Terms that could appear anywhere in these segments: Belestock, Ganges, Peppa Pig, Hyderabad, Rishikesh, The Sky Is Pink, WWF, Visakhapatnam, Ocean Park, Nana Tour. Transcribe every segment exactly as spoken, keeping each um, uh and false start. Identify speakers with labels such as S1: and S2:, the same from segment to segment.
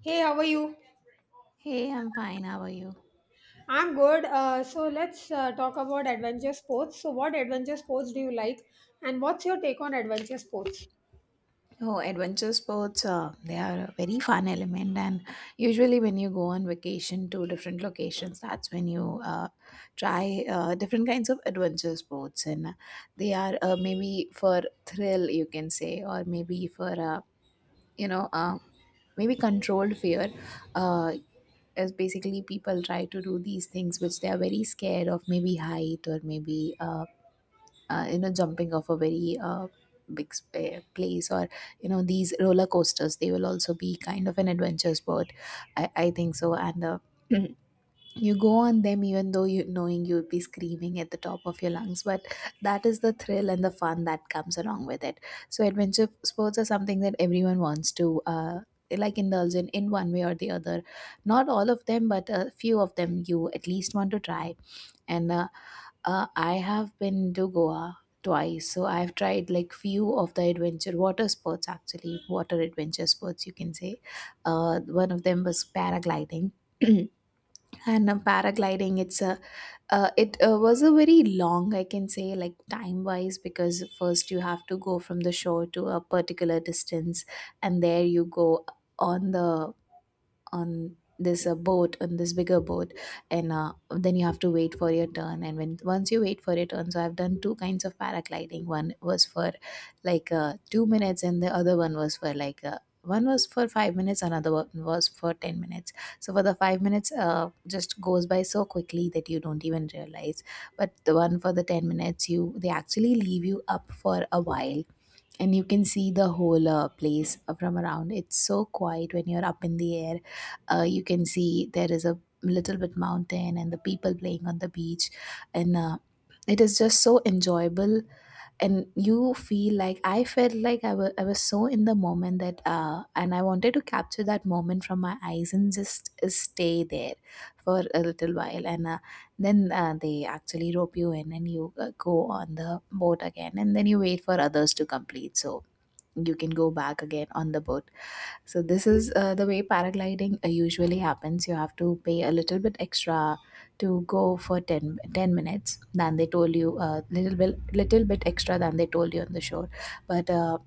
S1: Hey, how are you?
S2: Hey, I'm fine. How are you?
S1: I'm good. Uh, so let's uh, talk about adventure sports. So, what adventure sports do you like, and what's your take on adventure sports?
S2: Oh, adventure sports, uh, they are a very fun element. And usually, when you go on vacation to different locations, that's when you uh, try uh, different kinds of adventure sports. And uh, They are uh, maybe for thrill, you can say, or maybe for, uh, you know, uh, maybe controlled fear. Uh, as basically people try to do these things which they are very scared of, maybe height or maybe uh, uh, you know jumping off a very uh, big spa- place, or you know these roller coasters, they will also be kind of an adventure sport, i, I think so. And uh, You go on them even though you knowing you would be screaming at the top of your lungs, but that is the thrill and the fun that comes along with it. So adventure sports are something that everyone wants to uh, like indulge in in one way or the other. Not all of them, but a few of them you at least want to try. And uh, uh, I have been to Goa twice, so I've tried like few of the adventure water sports, actually, water adventure sports you can say. Uh, one of them was paragliding. and uh, Paragliding, it's a uh, it uh, was a very long, I can say, like time wise, because first you have to go from the shore to a particular distance, and there you go on the on this uh, boat, on this bigger boat. And uh, Then you have to wait for your turn, and when once you wait for your turn. So I've done two kinds of paragliding. One was for like uh, two minutes and the other one was for like uh, one was for five minutes, another one was for ten minutes. So for the five minutes, uh, just goes by so quickly that you don't even realize, but the one for the ten minutes, you they actually leave you up for a while, and you can see the whole uh, place from around. It's so quiet when you're up in the air. Uh, you can see there is a little bit mountain and the people playing on the beach, and uh, it is just so enjoyable. And you feel like I felt like I wa- I was so in the moment that uh and I wanted to capture that moment from my eyes and just uh, stay there for a little while. And uh, then uh, They actually rope you in and you uh, go on the boat again, and then you wait for others to complete, so you can go back again on the boat. So this is uh, the way paragliding uh, usually happens. You have to pay a little bit extra to go for ten ten minutes than they told you, a uh, little bit little bit extra than they told you on the shore. But uh,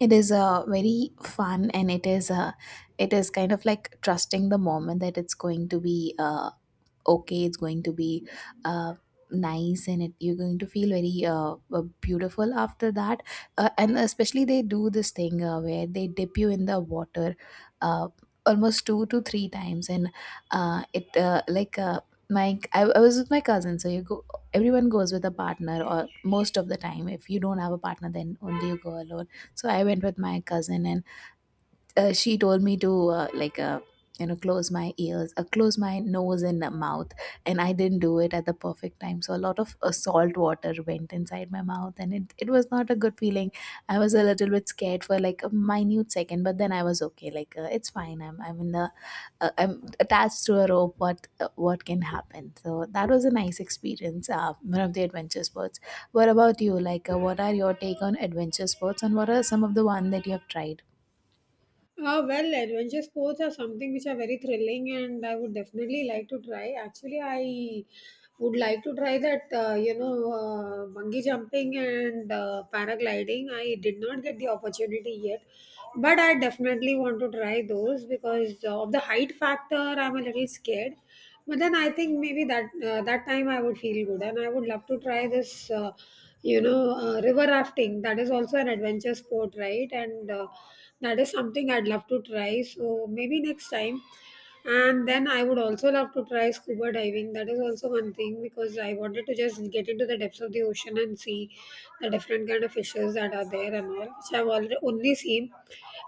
S2: it is uh, very fun, and it is uh, it is kind of like trusting the moment that it's going to be. Uh, okay, it's going to be uh, nice, and it, you're going to feel very uh, uh, beautiful after that. Uh, and especially they do this thing uh, where they dip you in the water, uh, almost two to three times. And uh, it uh, like uh, My I, I was with my cousin, so you go, everyone goes with a partner, or most of the time if you don't have a partner, then only you go alone. So I went with my cousin, and uh, she told me to uh, like uh, you know close my ears, uh, close my nose and uh, mouth, and I didn't do it at the perfect time, so a lot of uh, salt water went inside my mouth, and it, it was not a good feeling. I was a little bit scared for like a minute second, but then I was okay, like uh, it's fine, i'm i'm in the uh, I'm attached to a rope, what uh, what can happen? So that was a nice experience, uh, one of the adventure sports. What about you, like, uh, what are your take on adventure sports and what are some of the one that you have tried?
S1: Uh, well, adventure sports are something which are very thrilling, and I would definitely like to try. Actually, I would like to try that, uh, you know, uh, bungee jumping and uh, paragliding. I did not get the opportunity yet, but I definitely want to try those because of the height factor. I'm a little scared, but then I think maybe that uh, that time I would feel good, and I would love to try this. Uh, you know uh, river rafting, that is also an adventure sport, right? And uh, that is something I'd love to try, so maybe next time. And then I would also love to try scuba diving. That is also one thing because I wanted to just get into the depths of the ocean and see the different kind of fishes that are there and all, which I've already only seen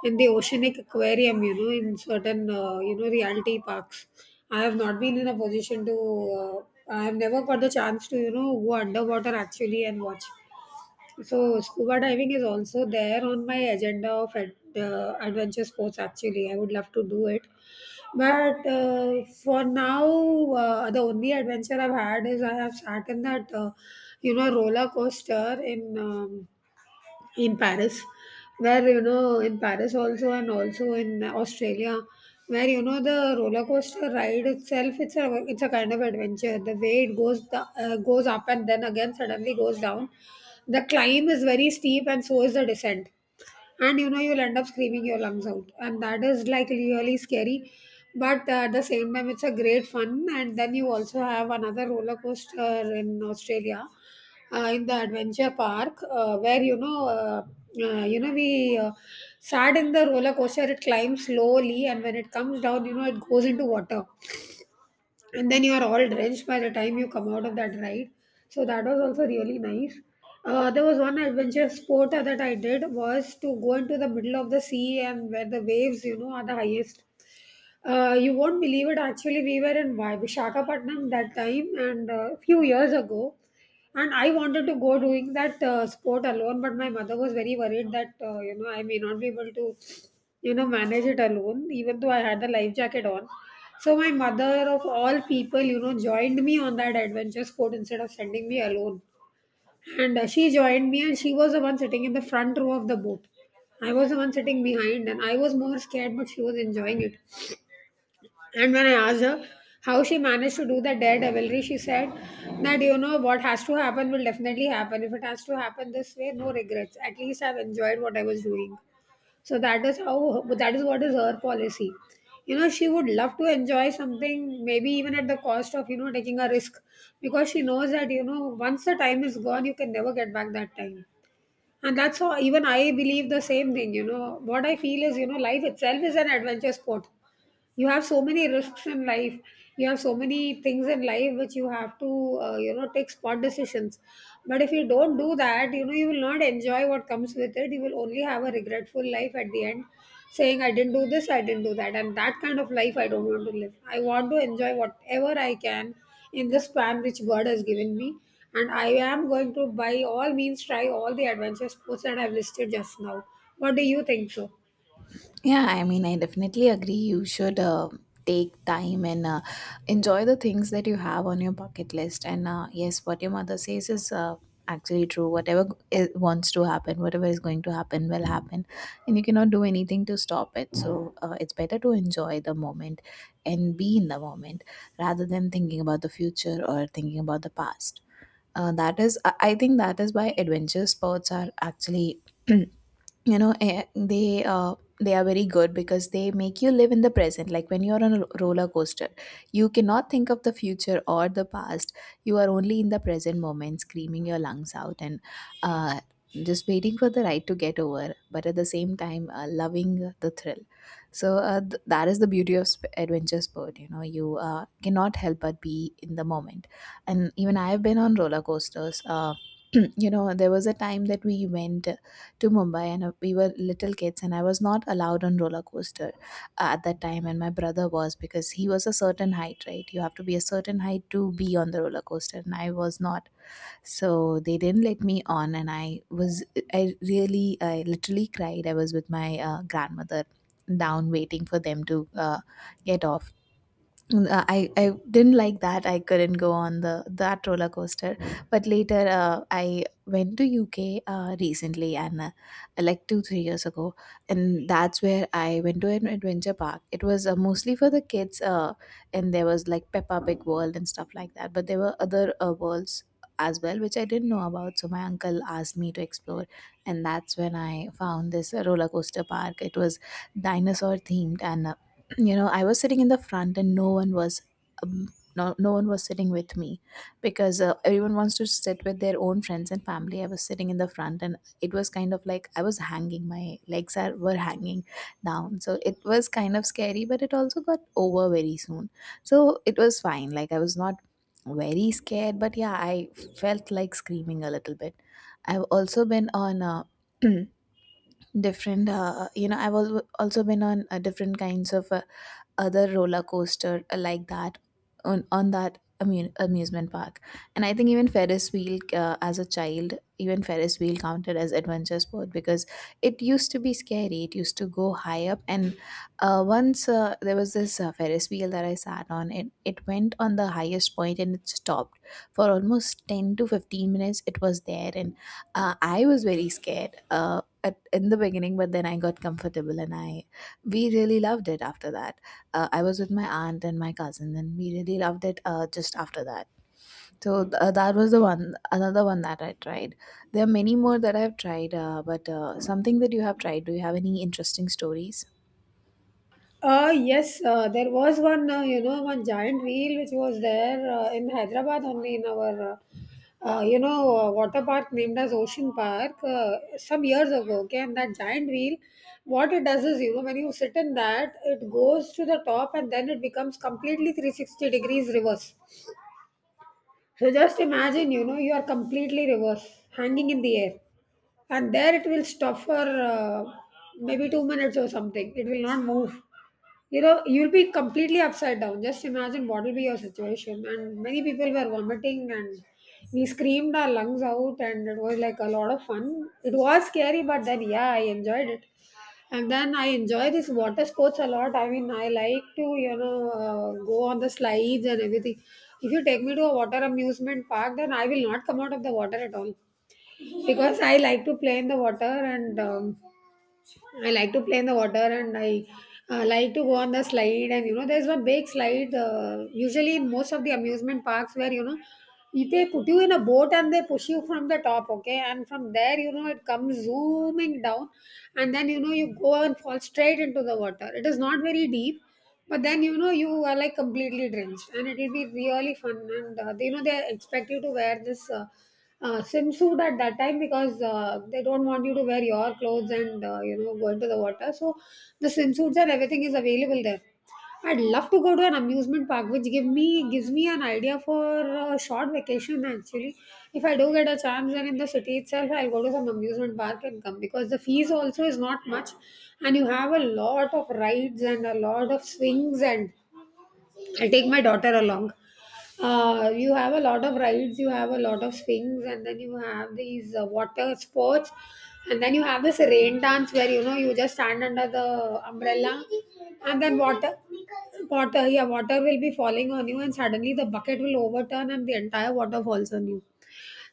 S1: in the oceanic aquarium, you know in certain uh, you know reality parks. I have not been in a position to. Uh, I have never got the chance to, you know go underwater actually and watch. So scuba diving is also there on my agenda of ad, uh, adventure sports. Actually, I would love to do it, but uh, for now, uh, the only adventure I've had is I have sat in that uh, you know roller coaster in. Um, in Paris, where, you know in Paris also, and also in Australia, where, you know the roller coaster ride itself, it's a it's a kind of adventure. The way it goes the, uh, goes up and then again suddenly goes down. The climb is very steep and so is the descent, and, you know you'll end up screaming your lungs out, and that is like really scary, but uh, at the same time it's a great fun. And then you also have another roller coaster in Australia, uh, in the adventure park, uh, where, you know uh, uh, you know we uh, sat in the roller coaster. It climbs slowly, and when it comes down, you know it goes into water. And then you are all drenched by the time you come out of that ride. So that was also really nice. Uh, there was one adventure sport that I did, was to go into the middle of the sea and where the waves, you know are the highest. Uh, you won't believe it. Actually, we were in Vi- Visakhapatnam that time and a few years ago. And I wanted to go doing that uh, sport alone, but my mother was very worried that, uh, you know, I may not be able to, you know, manage it alone, even though I had the life jacket on. So my mother, of all people, you know, joined me on that adventure sport instead of sending me alone. And uh, she joined me, and she was the one sitting in the front row of the boat. I was the one sitting behind, and I was more scared, but she was enjoying it. And when I asked her how she managed to do that daredevilry, she said that, you know what has to happen will definitely happen. If it has to happen this way, no regrets. At least I've enjoyed what I was doing. So that is how that is what is her policy. You know, she would love to enjoy something, maybe even at the cost of, you know taking a risk, because she knows that, you know once the time is gone, you can never get back that time. And that's how even I believe the same thing. You know, what I feel is, you know life itself is an adventure sport. You have so many risks in life. You have so many things in life which you have to uh, you know take spot decisions. But if you don't do that, you know you will not enjoy what comes with it. You will only have a regretful life at the end, saying I didn't do this, I didn't do that. And that kind of life, I don't want to live. I want to enjoy whatever I can in the span which God has given me. And I am going to, by all means, try all the adventure sports that I've listed just now. What do you think so?
S2: Yeah, I mean, I definitely agree. You should uh, take time and uh, enjoy the things that you have on your bucket list. And uh, yes, what your mother says is uh, actually true. Whatever it wants to happen, whatever is going to happen, will happen. And you cannot do anything to stop it. So uh, it's better to enjoy the moment and be in the moment rather than thinking about the future or thinking about the past. Uh, that is, I I think that is why adventure sports are actually, you know eh, they uh, they are very good, because they make you live in the present. Like when you're on a ro- roller coaster, you cannot think of the future or the past. You are only in the present moment, screaming your lungs out and uh, just waiting for the ride to get over, but at the same time uh, loving the thrill. So uh, th- that is the beauty of sp- adventure sport. You know, you uh, cannot help but be in the moment. And even I have been on roller coasters, uh, you know there was a time that we went to Mumbai, and uh, we were little kids, and I was not allowed on roller coaster uh, at that time, and my brother was, because he was a certain height, right? You have to be a certain height to be on the roller coaster, and I was not. So they didn't let me on, and I was, I really, I literally cried. I was with my uh, grandmother down, waiting for them to uh, get off. Uh, I, I didn't like that I couldn't go on the that roller coaster. But later uh, I went to U K uh, recently, and uh, like two three years ago, and that's where I went to an adventure park. It was uh, mostly for the kids, uh, and there was like Peppa Pig world and stuff like that, but there were other uh, worlds as well which I didn't know about, so my uncle asked me to explore, and that's when I found this uh, roller coaster park. It was dinosaur themed, and uh, you know I was sitting in the front and no one was um, no, no one was sitting with me, because uh, everyone wants to sit with their own friends and family. I was sitting in the front, and it was kind of like I was hanging, my legs are were hanging down, so it was kind of scary, but it also got over very soon. So it was fine, like I was not very scared, but yeah I felt like screaming a little bit. I've also been on, uh, different uh, you know i've al- also been on uh, different kinds of uh, other roller coaster uh, like that, on on that amu- amusement park. And I think even ferris wheel, uh, as a child, even ferris wheel counted as adventure sport, because it used to be scary, it used to go high up. And uh, once uh, there was this uh, ferris wheel that I sat on, it it went on the highest point and it stopped for almost ten to fifteen minutes. It was there, and uh, I was very scared uh, at, in the beginning, but then I got comfortable, and I we really loved it after that. Uh, I was with my aunt and my cousin, and we really loved it uh, just after that. So uh, that was the one, another one that I tried. There are many more that I've tried, uh, but uh, something that you have tried. Do you have any interesting stories?
S1: Uh, yes, uh, there was one, uh, you know, one giant wheel which was there uh, in Hyderabad only, in our, uh, uh, you know, uh, water park named as Ocean Park, uh, some years ago. Okay, and that giant wheel, what it does is, you know, when you sit in that, it goes to the top and then it becomes completely three sixty degrees reverse. So just imagine, you know, you are completely reverse, hanging in the air, and there it will stop for uh, maybe two minutes or something. It will not move. You know, you'll be completely upside down. Just imagine what will be your situation. And many people were vomiting, and we screamed our lungs out, and it was like a lot of fun. It was scary, but then yeah, I enjoyed it. And then I enjoy this water sports a lot. I mean, I like to, you know, uh, go on the slides and everything. If you take me to a water amusement park, then I will not come out of the water at all because I like to play in the water and um, I like to play in the water, and I uh, like to go on the slide. And you know, there's one big slide, uh, usually in most of the amusement parks, where, you know, they put you in a boat and they push you from the top, okay? And from there, you know, it comes zooming down, and then, you know, you go and fall straight into the water. It is not very deep, but then, you know you are like completely drenched, and it will be really fun. And uh, you know they expect you to wear this uh, uh, swimsuit at that time, because uh, they don't want you to wear your clothes and uh, you know go into the water. So the swimsuits and everything is available there. I'd love to go to an amusement park, which give me gives me an idea for a short vacation. Actually, if I do get a chance, then in the city itself, I'll go to some amusement park and come, because the fees also is not much, and you have a lot of rides and a lot of swings, and I take my daughter along. Uh, you have a lot of rides, you have a lot of swings, and then you have these uh, water sports, and then you have this rain dance where, you know you just stand under the umbrella, and then water, water, yeah, water will be falling on you, and suddenly the bucket will overturn, and the entire water falls on you.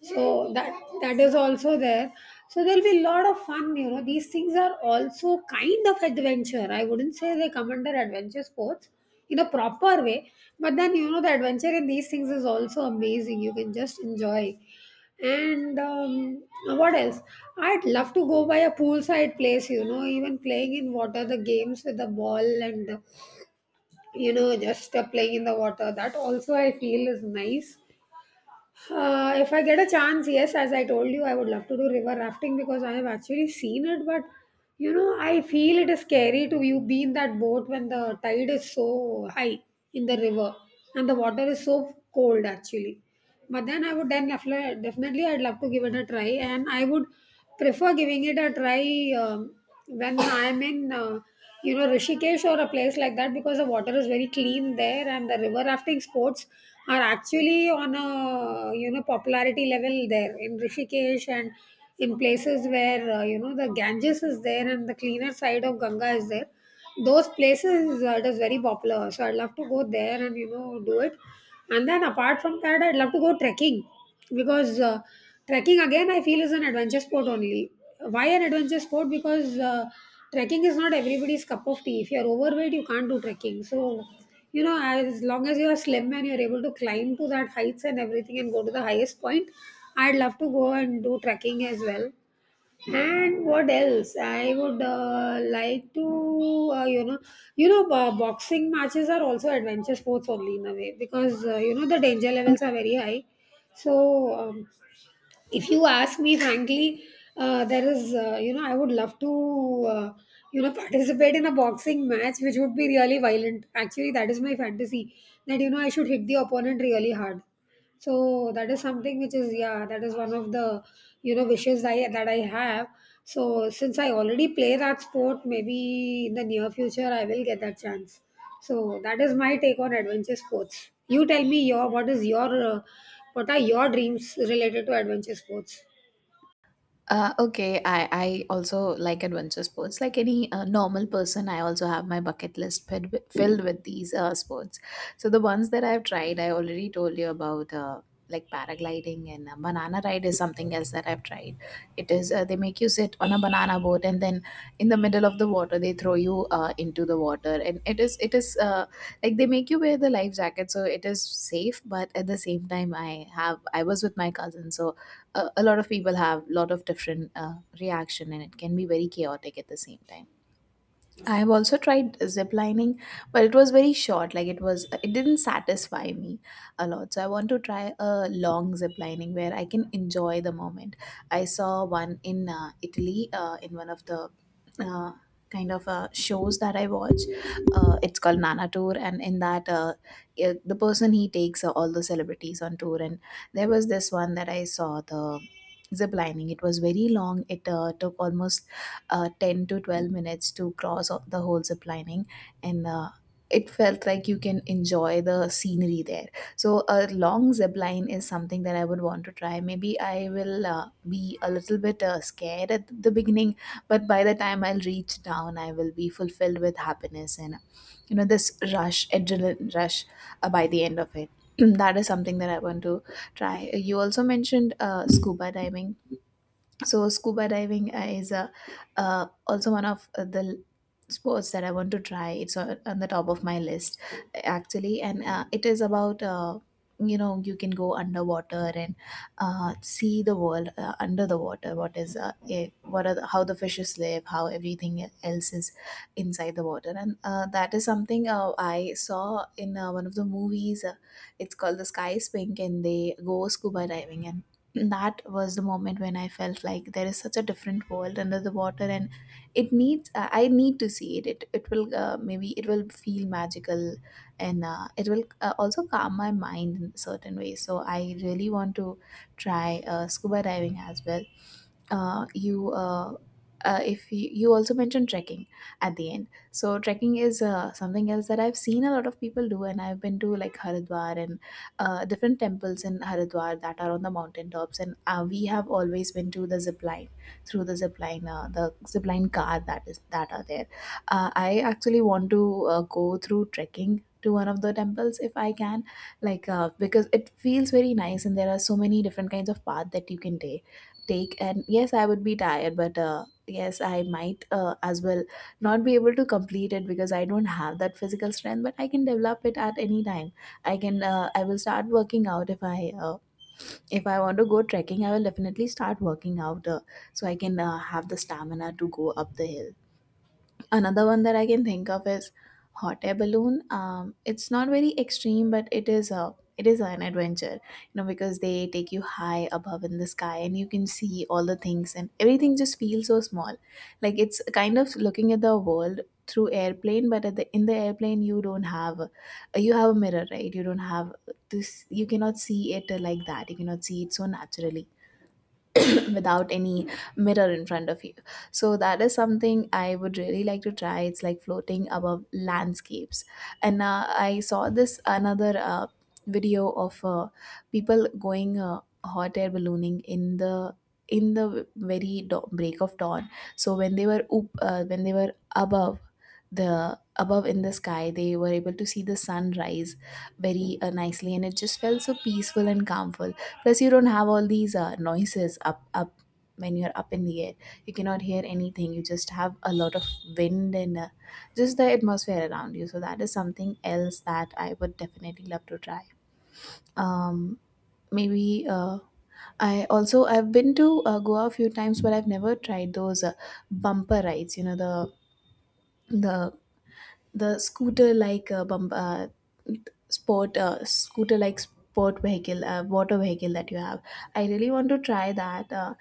S1: So that that is also there. So there'll be a lot of fun. You know these things are also kind of adventure. I wouldn't say they come under adventure sports in a proper way, but then, you know the adventure in these things is also amazing. You can just enjoy. And um, What else? I'd love to go by a poolside place. You know even playing in water, the games with the ball, and, you know just uh, playing in the water, that also I feel is nice. Uh, if I get a chance, yes, as I told you, I would love to do river rafting because I have actually seen it. But, you know, I feel it is scary to you be in that boat when the tide is so high in the river, and the water is so cold actually. But then I would then def- definitely I'd love to give it a try, and I would prefer giving it a try um, when I'm in. Uh, you know, Rishikesh or a place like that, because the water is very clean there and the river rafting sports are actually on a, you know, popularity level there in Rishikesh, and in places where uh, you know, the Ganges is there and the cleaner side of Ganga is there, those places uh, it is very popular. So I'd love to go there and, you know, do it. And then apart from that, I'd love to go trekking because uh, trekking again I feel is an adventure sport only. Why an adventure sport? Because uh, trekking is not everybody's cup of tea. If you're overweight, you can't do trekking. So you know, as long as you're slim and you're able to climb to that heights and everything and go to the highest point, I'd love to go and do trekking as well. And what else? I would uh, like to, uh, you know, you know, uh, boxing matches are also adventure sports only in a way because uh, you know, the danger levels are very high. So um, if you ask me frankly, uh, there is uh, you know, I would love to uh, you know, participate in a boxing match which would be really violent actually. That is my fantasy, that you know, I should hit the opponent really hard. So that is something which is, yeah, that is one of the, you know, wishes I that I have. So since I already play that sport, maybe in the near future I will get that chance. So that is my take on adventure sports. You tell me your, what is your uh, what are your dreams related to adventure sports?
S2: Uh, okay, I, I also like adventure sports. Like any uh, normal person, I also have my bucket list filled with, filled with these uh, sports. So the ones that I've tried, I already told you about, uh, like paragliding, and uh, banana ride is something else that I've tried. It is, uh, they make you sit on a banana boat, and then in the middle of the water they throw you uh, into the water, and it is it is uh, like they make you wear the life jacket so it is safe, but at the same time I have I was with my cousin, so a, a lot of people have a lot of different uh, reaction, and it can be very chaotic at the same time. I have also tried zip lining, but it was very short. Like it was, it didn't satisfy me a lot. So I want to try a long zip lining where I can enjoy the moment. I saw one in uh, Italy uh, in one of the uh, kind of uh, shows that I watch. Uh, it's called Nana Tour, and in that, uh, i- the person he takes uh, all the celebrities on tour, and there was this one that I saw the zip lining. It was very long. It uh, took almost uh, ten to twelve minutes to cross o- the whole zip lining, and uh, it felt like you can enjoy the scenery there. So a long zip line is something that I would want to try. Maybe I will uh, be a little bit uh, scared at the beginning, but by the time I'll reach down, I will be fulfilled with happiness and, you know, this rush, adrenaline rush uh, by the end of it. That is something that I want to try. You also mentioned uh, scuba diving. So scuba diving is uh, uh, also one of uh, the sports that I want to try. It's on, on the top of my list actually, and uh, it is about, uh, you know, you can go underwater and uh, see the world uh, under the water. What is uh, eh, what are the, how the fishes live, how everything else is inside the water. And uh, that is something uh, I saw in uh, one of the movies. Uh, it's called The Sky Is Pink, and they go scuba diving, and that was the moment when I felt like there is such a different world under the water, and it needs, i I need to see it. It, it will, uh, maybe it will feel magical, and uh, it will uh, also calm my mind in certain ways. So I really want to try uh, scuba diving as well. Uh, you uh, uh, if you, You also mentioned trekking at the end. So trekking is uh, something else that I've seen a lot of people do, and I've been to like Haridwar and uh, different temples in Haridwar that are on the mountain tops, and uh, we have always been to the zip line, through the zip line, uh, the zip line car that is that are there. Uh, I actually want to uh, go through trekking to one of the temples if I can, like uh, because it feels very nice, and there are so many different kinds of path that you can take. Take and Yes, I would be tired, but uh, yes, I might uh, as well not be able to complete it because I don't have that physical strength, but I can develop it at any time. I can uh, I will start working out if I uh, if I want to go trekking. I will definitely start working out uh, so I can uh, have the stamina to go up the hill. Another one that I can think of is hot air balloon. Um, it's not very extreme, but it is a it is an adventure, you know, because they take you high above in the sky, and you can see all the things and everything just feels so small, like it's kind of looking at the world through airplane. But at the in the airplane you don't have, you have a mirror, right? You don't have this, you cannot see it like that, you cannot see it so naturally without any mirror in front of you. So that is something I would really like to try. It's like floating above landscapes. And uh, I saw this another uh, video of uh, people going uh, hot air ballooning in the, in the very dawn, break of dawn. So when they were up, uh, when they were above, the above in the sky, they were able to see the sun rise very uh, nicely, and it just felt so peaceful and calm. Plus, you don't have all these uh, noises up, up when you're up in the air. You cannot hear anything. You just have a lot of wind and, uh, just the atmosphere around you. So that is something else that I would definitely love to try. Um, maybe uh, I also, I've been to uh, Goa a few times, but I've never tried those uh, bumper rides. You know, the the the scooter like, uh, bump, uh, sport, uh, scooter like sport vehicle, uh, water vehicle that you have. I really want to try that uh,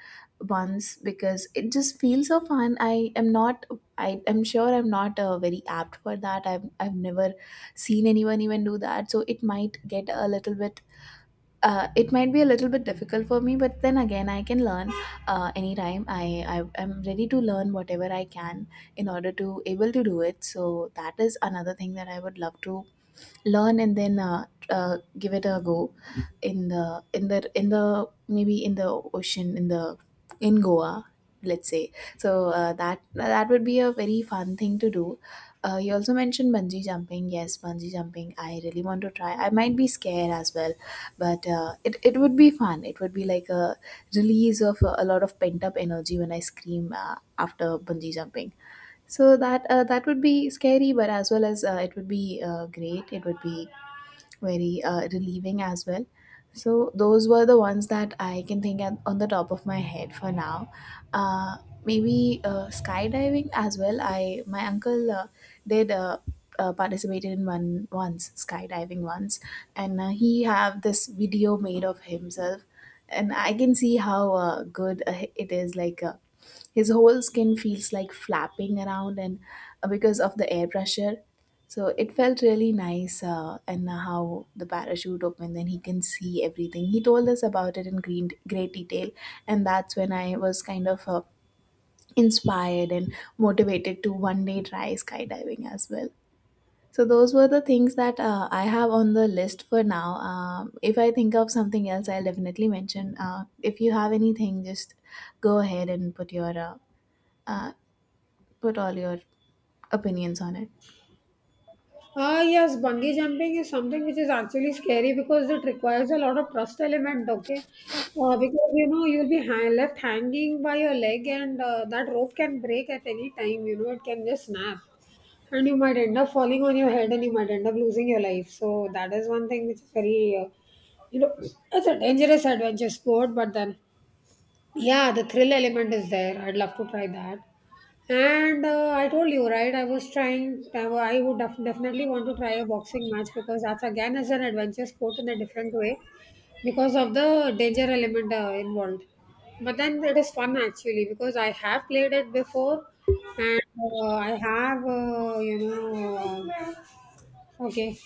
S2: once because it just feels so fun. i am not I am sure I'm not uh, very apt for that. I've i've never seen anyone even do that, so it might get a little bit uh, it might be a little bit difficult for me, but then again, I can learn uh, anytime. I, I I'm ready to learn whatever I can in order to able to do it. So that is another thing that I would love to learn and then uh, uh, give it a go in the, in the in the maybe in the ocean, in the in Goa, let's say. So uh, that that would be a very fun thing to do. Uh, you also mentioned bungee jumping. Yes, bungee jumping I really want to try. I might be scared as well, but uh, it, it would be fun. It would be like a release of a, a lot of pent up energy when I scream uh, after bungee jumping. So that uh, that would be scary, but as well as uh, it would be uh, great. It would be very uh, relieving as well. So those were the ones that I can think at, on the top of my head for now. Uh, maybe uh, Skydiving as well. I My uncle uh, did. Uh, uh, participated in one once, skydiving once, and uh, he have this video made of himself, and I can see how uh, good uh, it is. Like uh, his whole skin feels like flapping around and uh, because of the air pressure. So it felt really nice, uh, and uh, how the parachute opened. Then he can see everything. He told us about it in green, great detail, and that's when I was kind of uh, inspired and motivated to one day try skydiving as well. So those were the things that uh, I have on the list for now. Um, if I think of something else, I'll definitely mention. Uh, if you have anything, just go ahead and put your uh, uh, put all your opinions on it.
S1: Ah yes, bungee jumping is something which is actually scary because it requires a lot of trust element. Okay, uh, because you know, you'll be hang- left hanging by your leg, and uh, that rope can break at any time. You know, it can just snap, and you might end up falling on your head, and you might end up losing your life. So that is one thing which is very, uh, you know, it's a dangerous adventure sport. But then, yeah, the thrill element is there. I'd love to try that. And uh, I told you, right? I was trying, I wa- I would def- definitely want to try a boxing match because that's again is an adventure sport in a different way because of the danger element uh, involved. But then it is fun actually because I have played it before and uh, I have, uh, you know, okay.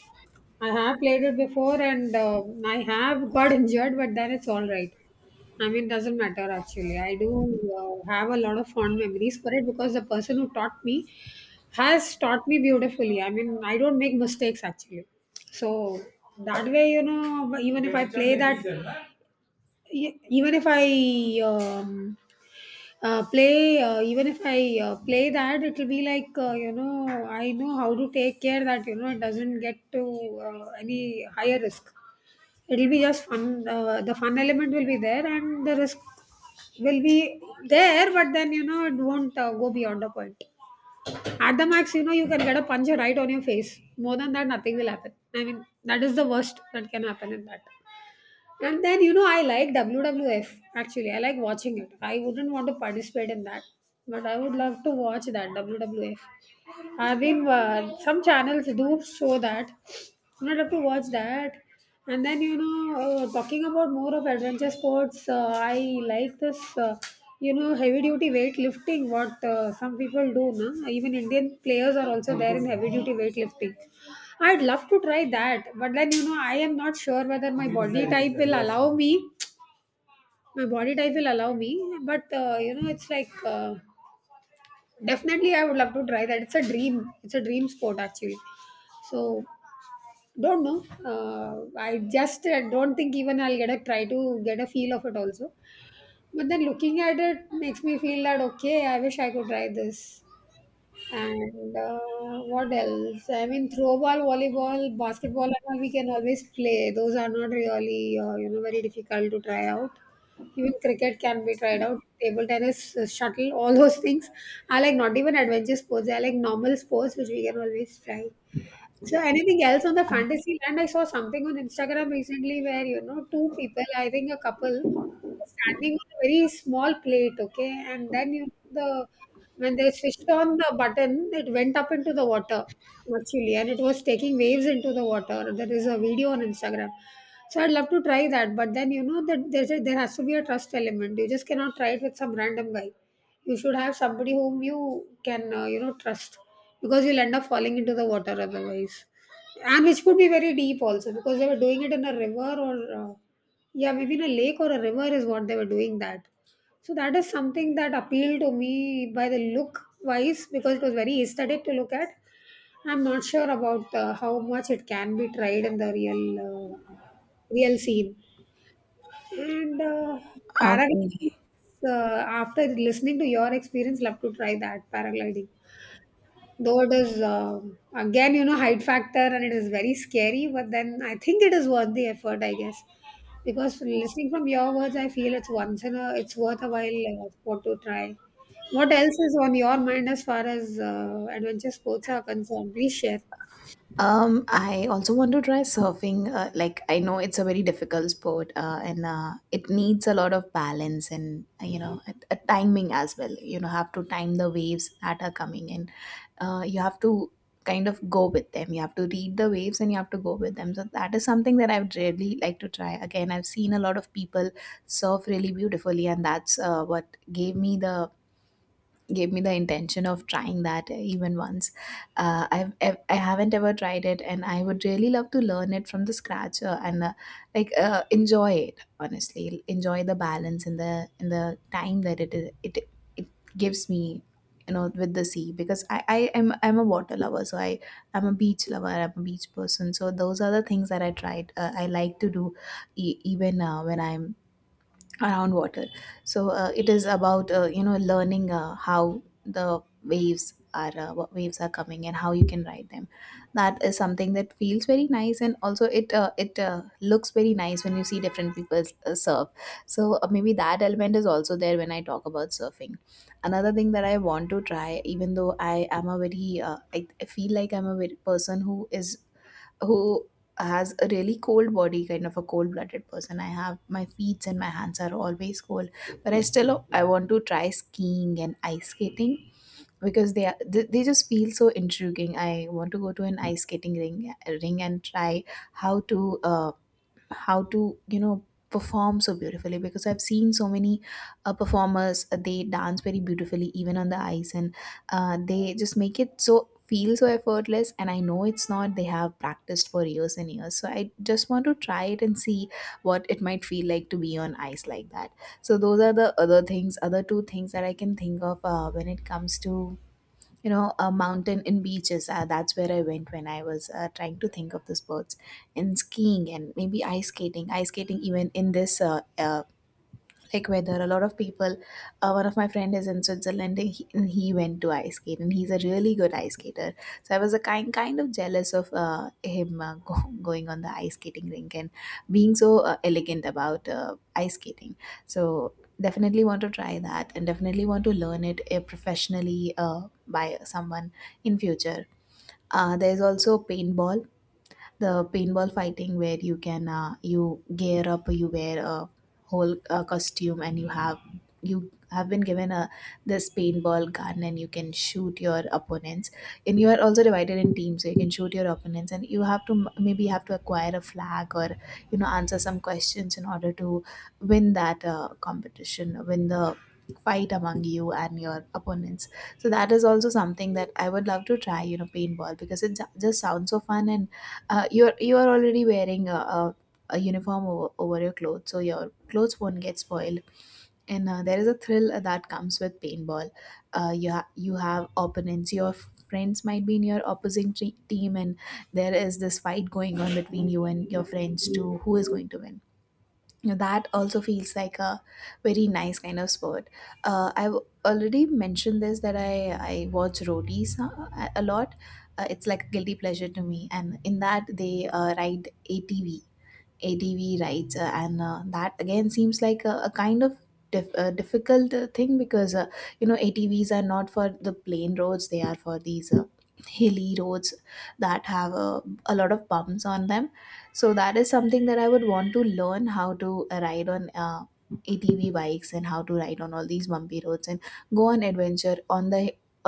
S1: I have played it before, and uh, I have got injured, but then it's all right. I mean, doesn't matter actually. I do uh, have a lot of fond memories for it because the person who taught me has taught me beautifully. I mean, I don't make mistakes actually. So that way, you know, even if I play that, E- even if I um, uh, play, uh, even if I uh, play that, it'll be like, uh, you know, I know how to take care that you know, it doesn't get to uh, any higher risk. It'll be just fun. Uh, the fun element will be there, and the risk will be there. But then you know it won't uh, go beyond the point. At the max, you know, you can get a punch right on your face. More than that, nothing will happen. I mean, that is the worst that can happen in that. And then, you know, I like W W F actually. I like watching it. I wouldn't want to participate in that, but I would love to watch that W W F. I've been, uh, some channels do show that. I'd love to watch that. And then, you know, uh, talking about more of adventure sports, uh, I like this, uh, you know, heavy duty weightlifting, what uh, some people do. No? Even Indian players are also there in heavy duty weightlifting. I'd love to try that, but then you know, I am not sure whether my body type will allow me. My body type will allow me, but uh, you know, it's like uh, definitely I would love to try that. It's a dream. It's a dream sport actually. So, don't know. Uh, I just uh, don't think even I'll get a try to get a feel of it also. But then looking at it makes me feel that okay, I wish I could try this. And uh, what else? I mean, throwball, volleyball, basketball, and all we can always play. Those are not really, uh, you know, very difficult to try out. Even cricket can be tried out. Table tennis, uh, shuttle, all those things are like not even adventure sports. They are like normal sports which we can always try. So anything else on the fantasy land? I saw something on Instagram recently where you know, two people, I think a couple, were standing on a very small plate, okay, and then you the when they switched on the button, it went up into the water actually, and it was taking waves into the water. There is a video on Instagram. So I'd love to try that, but then you know that there's a, there has to be a trust element. You just cannot try it with some random guy. You should have somebody whom you can, uh, you know, trust, because you'll end up falling into the water otherwise, and which could be very deep also because they were doing it in a river or uh, yeah, maybe in a lake or a river is what they were doing that. So that is something that appealed to me by the look wise because it was very aesthetic to look at. I'm not sure about uh, how much it can be tried in the real uh, real scene. And uh, paragliding,
S2: Okay.
S1: uh, after listening to your experience, love to try that paragliding. Though it is, um, again, you know, height factor and it is very scary, but then I think it is worth the effort, I guess. Because listening from your words, I feel it's once in a it's worth a while uh, sport to try. What else is on your mind as far as uh, adventure sports are concerned? Please share.
S2: Um, I also want to try surfing. Uh, like, I know it's a very difficult sport, uh, and uh, it needs a lot of balance and, uh, you know, a, a timing as well. You know, have to time the waves that are coming in. Uh, you have to kind of go with them. You have to read the waves and you have to go with them. So that is something that I would really like to try. Again, I've seen a lot of people surf really beautifully, and that's uh, what gave me the, gave me the intention of trying that uh, even once. Uh, I've ev- I haven't ever tried it, and I would really love to learn it from the scratch uh, and uh, like uh, enjoy it. Honestly, enjoy the balance and the in the time that it is- it it gives me. You know, with the sea, because I I am I'm a water lover, so I I'm a beach lover. I'm a beach person, so those are the things that I tried. Uh, I like to do e- even uh, when I'm around water, so uh, it is about uh, you know learning uh, how the waves are, uh, what waves are coming and how you can ride them. That is something that feels very nice, and also it uh, it uh, looks very nice when you see different people uh, surf. So uh, maybe that element is also there when I talk about surfing. Another thing that I want to try, even though I am a very uh, I, I feel like I'm a very person who is who has a really cold body, kind of a cold blooded person. I have my feet and my hands are always cold, but I still I want to try skiing and ice skating because they are they, they just feel so intriguing. I want to go to an ice skating ring ring and try how to uh, how to you know perform so beautifully because I've seen so many uh, performers. Uh, they dance very beautifully even on the ice, and uh, they just make it so feel so effortless, and I know it's not, they have practiced for years and years. So I just want to try it and see what it might feel like to be on ice like that. So those are the other things, other two things that I can think of uh, when it comes to you know a mountain in beaches. Uh, that's where I went when I was uh, trying to think of the sports, and skiing and maybe ice skating ice skating even in this uh, uh, like weather. A lot of people, uh, one of my friend is in Switzerland, and he, and he went to ice skate, and he's a really good ice skater. So I was a kind kind of jealous of uh, him, uh, go, going on the ice skating rink and being so uh, elegant about uh, ice skating. So definitely want to try that and definitely want to learn it uh, professionally uh, by someone in future. Uh, there's also paintball, the paintball fighting where you can, uh, you gear up, you wear a whole uh, costume, and you have you have been given a this paintball gun and you can shoot your opponents. And you are also divided in teams, so you can shoot your opponents and you have to m- maybe have to acquire a flag or, you know, answer some questions in order to win that uh, competition, win the fight among you and your opponents. So that is also something that I would love to try, you know, paintball, because it ju- just sounds so fun. And uh, you're you are already wearing a, a, a uniform over, over your clothes, so your clothes won't get spoiled. And uh, there is a thrill that comes with paintball. uh, you ha- you have opponents, your f- friends might be in your opposing tre- team, and there is this fight going on between you and your friends to who is going to win. You know, that also feels like a very nice kind of sport. Uh, I've already mentioned this that I I watch roadies uh, a lot. Uh, it's like a guilty pleasure to me, and in that they uh, ride A T V. A D V rights, uh, and uh, that again seems like a, a kind of dif- uh, difficult uh, thing because, uh, you know, A T Vs are not for the plain roads; they are for these uh, hilly roads that have uh, a lot of bumps on them. So that is something that I would want to learn how to uh, ride on. Uh, A T V bikes, and how to ride on all these bumpy roads and go on adventure on the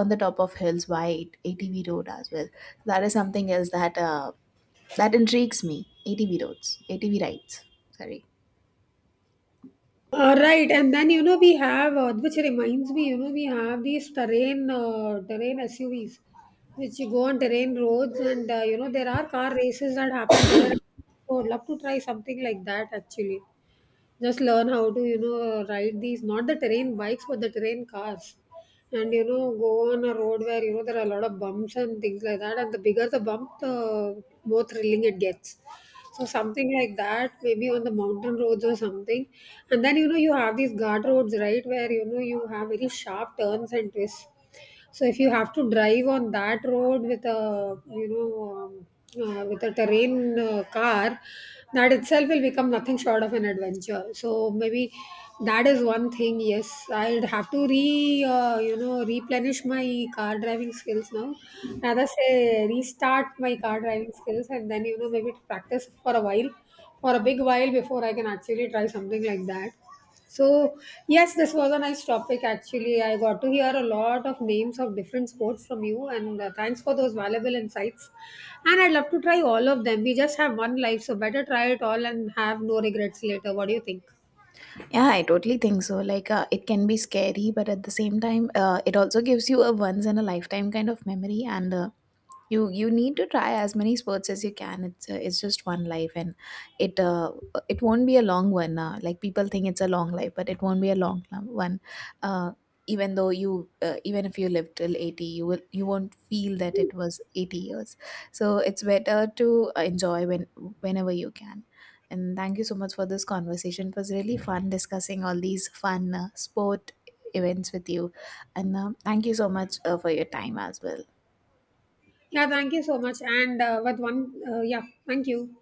S2: on the top of hills by A T V road as well. That is something else that uh, that intrigues me. A T V roads, A T V rides. Sorry.
S1: Uh, right, and then you know we have, uh, which reminds me, you know we have these terrain uh, terrain S U Vs, which you go on terrain roads, and uh, you know there are car races that happen there. So I'd love to try something like that actually. Just learn how to, you know, ride these, not the terrain bikes, but the terrain cars, and you know go on a road where you know there are a lot of bumps and things like that. And the bigger the bump, the more thrilling it gets. So something like that, maybe on the mountain roads or something. And then you know, you have these guard roads, right, where you know you have very sharp turns and twists. So if you have to drive on that road with a, you know, um, uh, with a terrain uh, car, that itself will become nothing short of an adventure. So maybe that is one thing. Yes, I'd have to re uh, you know, replenish my car driving skills now, rather say restart my car driving skills, and then you know, maybe practice for a while, for a big while, before I can actually try something like that. So, yes, this was a nice topic actually. I got to hear a lot of names of different sports from you, and uh, thanks for those valuable insights. And I'd love to try all of them. We just have one life, so better try it all and have no regrets later. What do you think?
S2: Yeah, I totally think so. Like, uh, it can be scary, but at the same time, uh, it also gives you a once in a lifetime kind of memory. And uh, you you need to try as many sports as you can. It's uh, it's just one life, and it uh, it won't be a long one, uh, like people think it's a long life, but it won't be a long lo- one. uh, Even though you uh, even if you live till eighty, you will you won't feel that it was eighty years. So it's better to enjoy when whenever you can. And thank you so much for this conversation. It was really fun discussing all these fun uh, sport events with you. And um thank you so much uh, for your time as well.
S1: Yeah, thank you so much. And uh, with one, uh, yeah, thank you.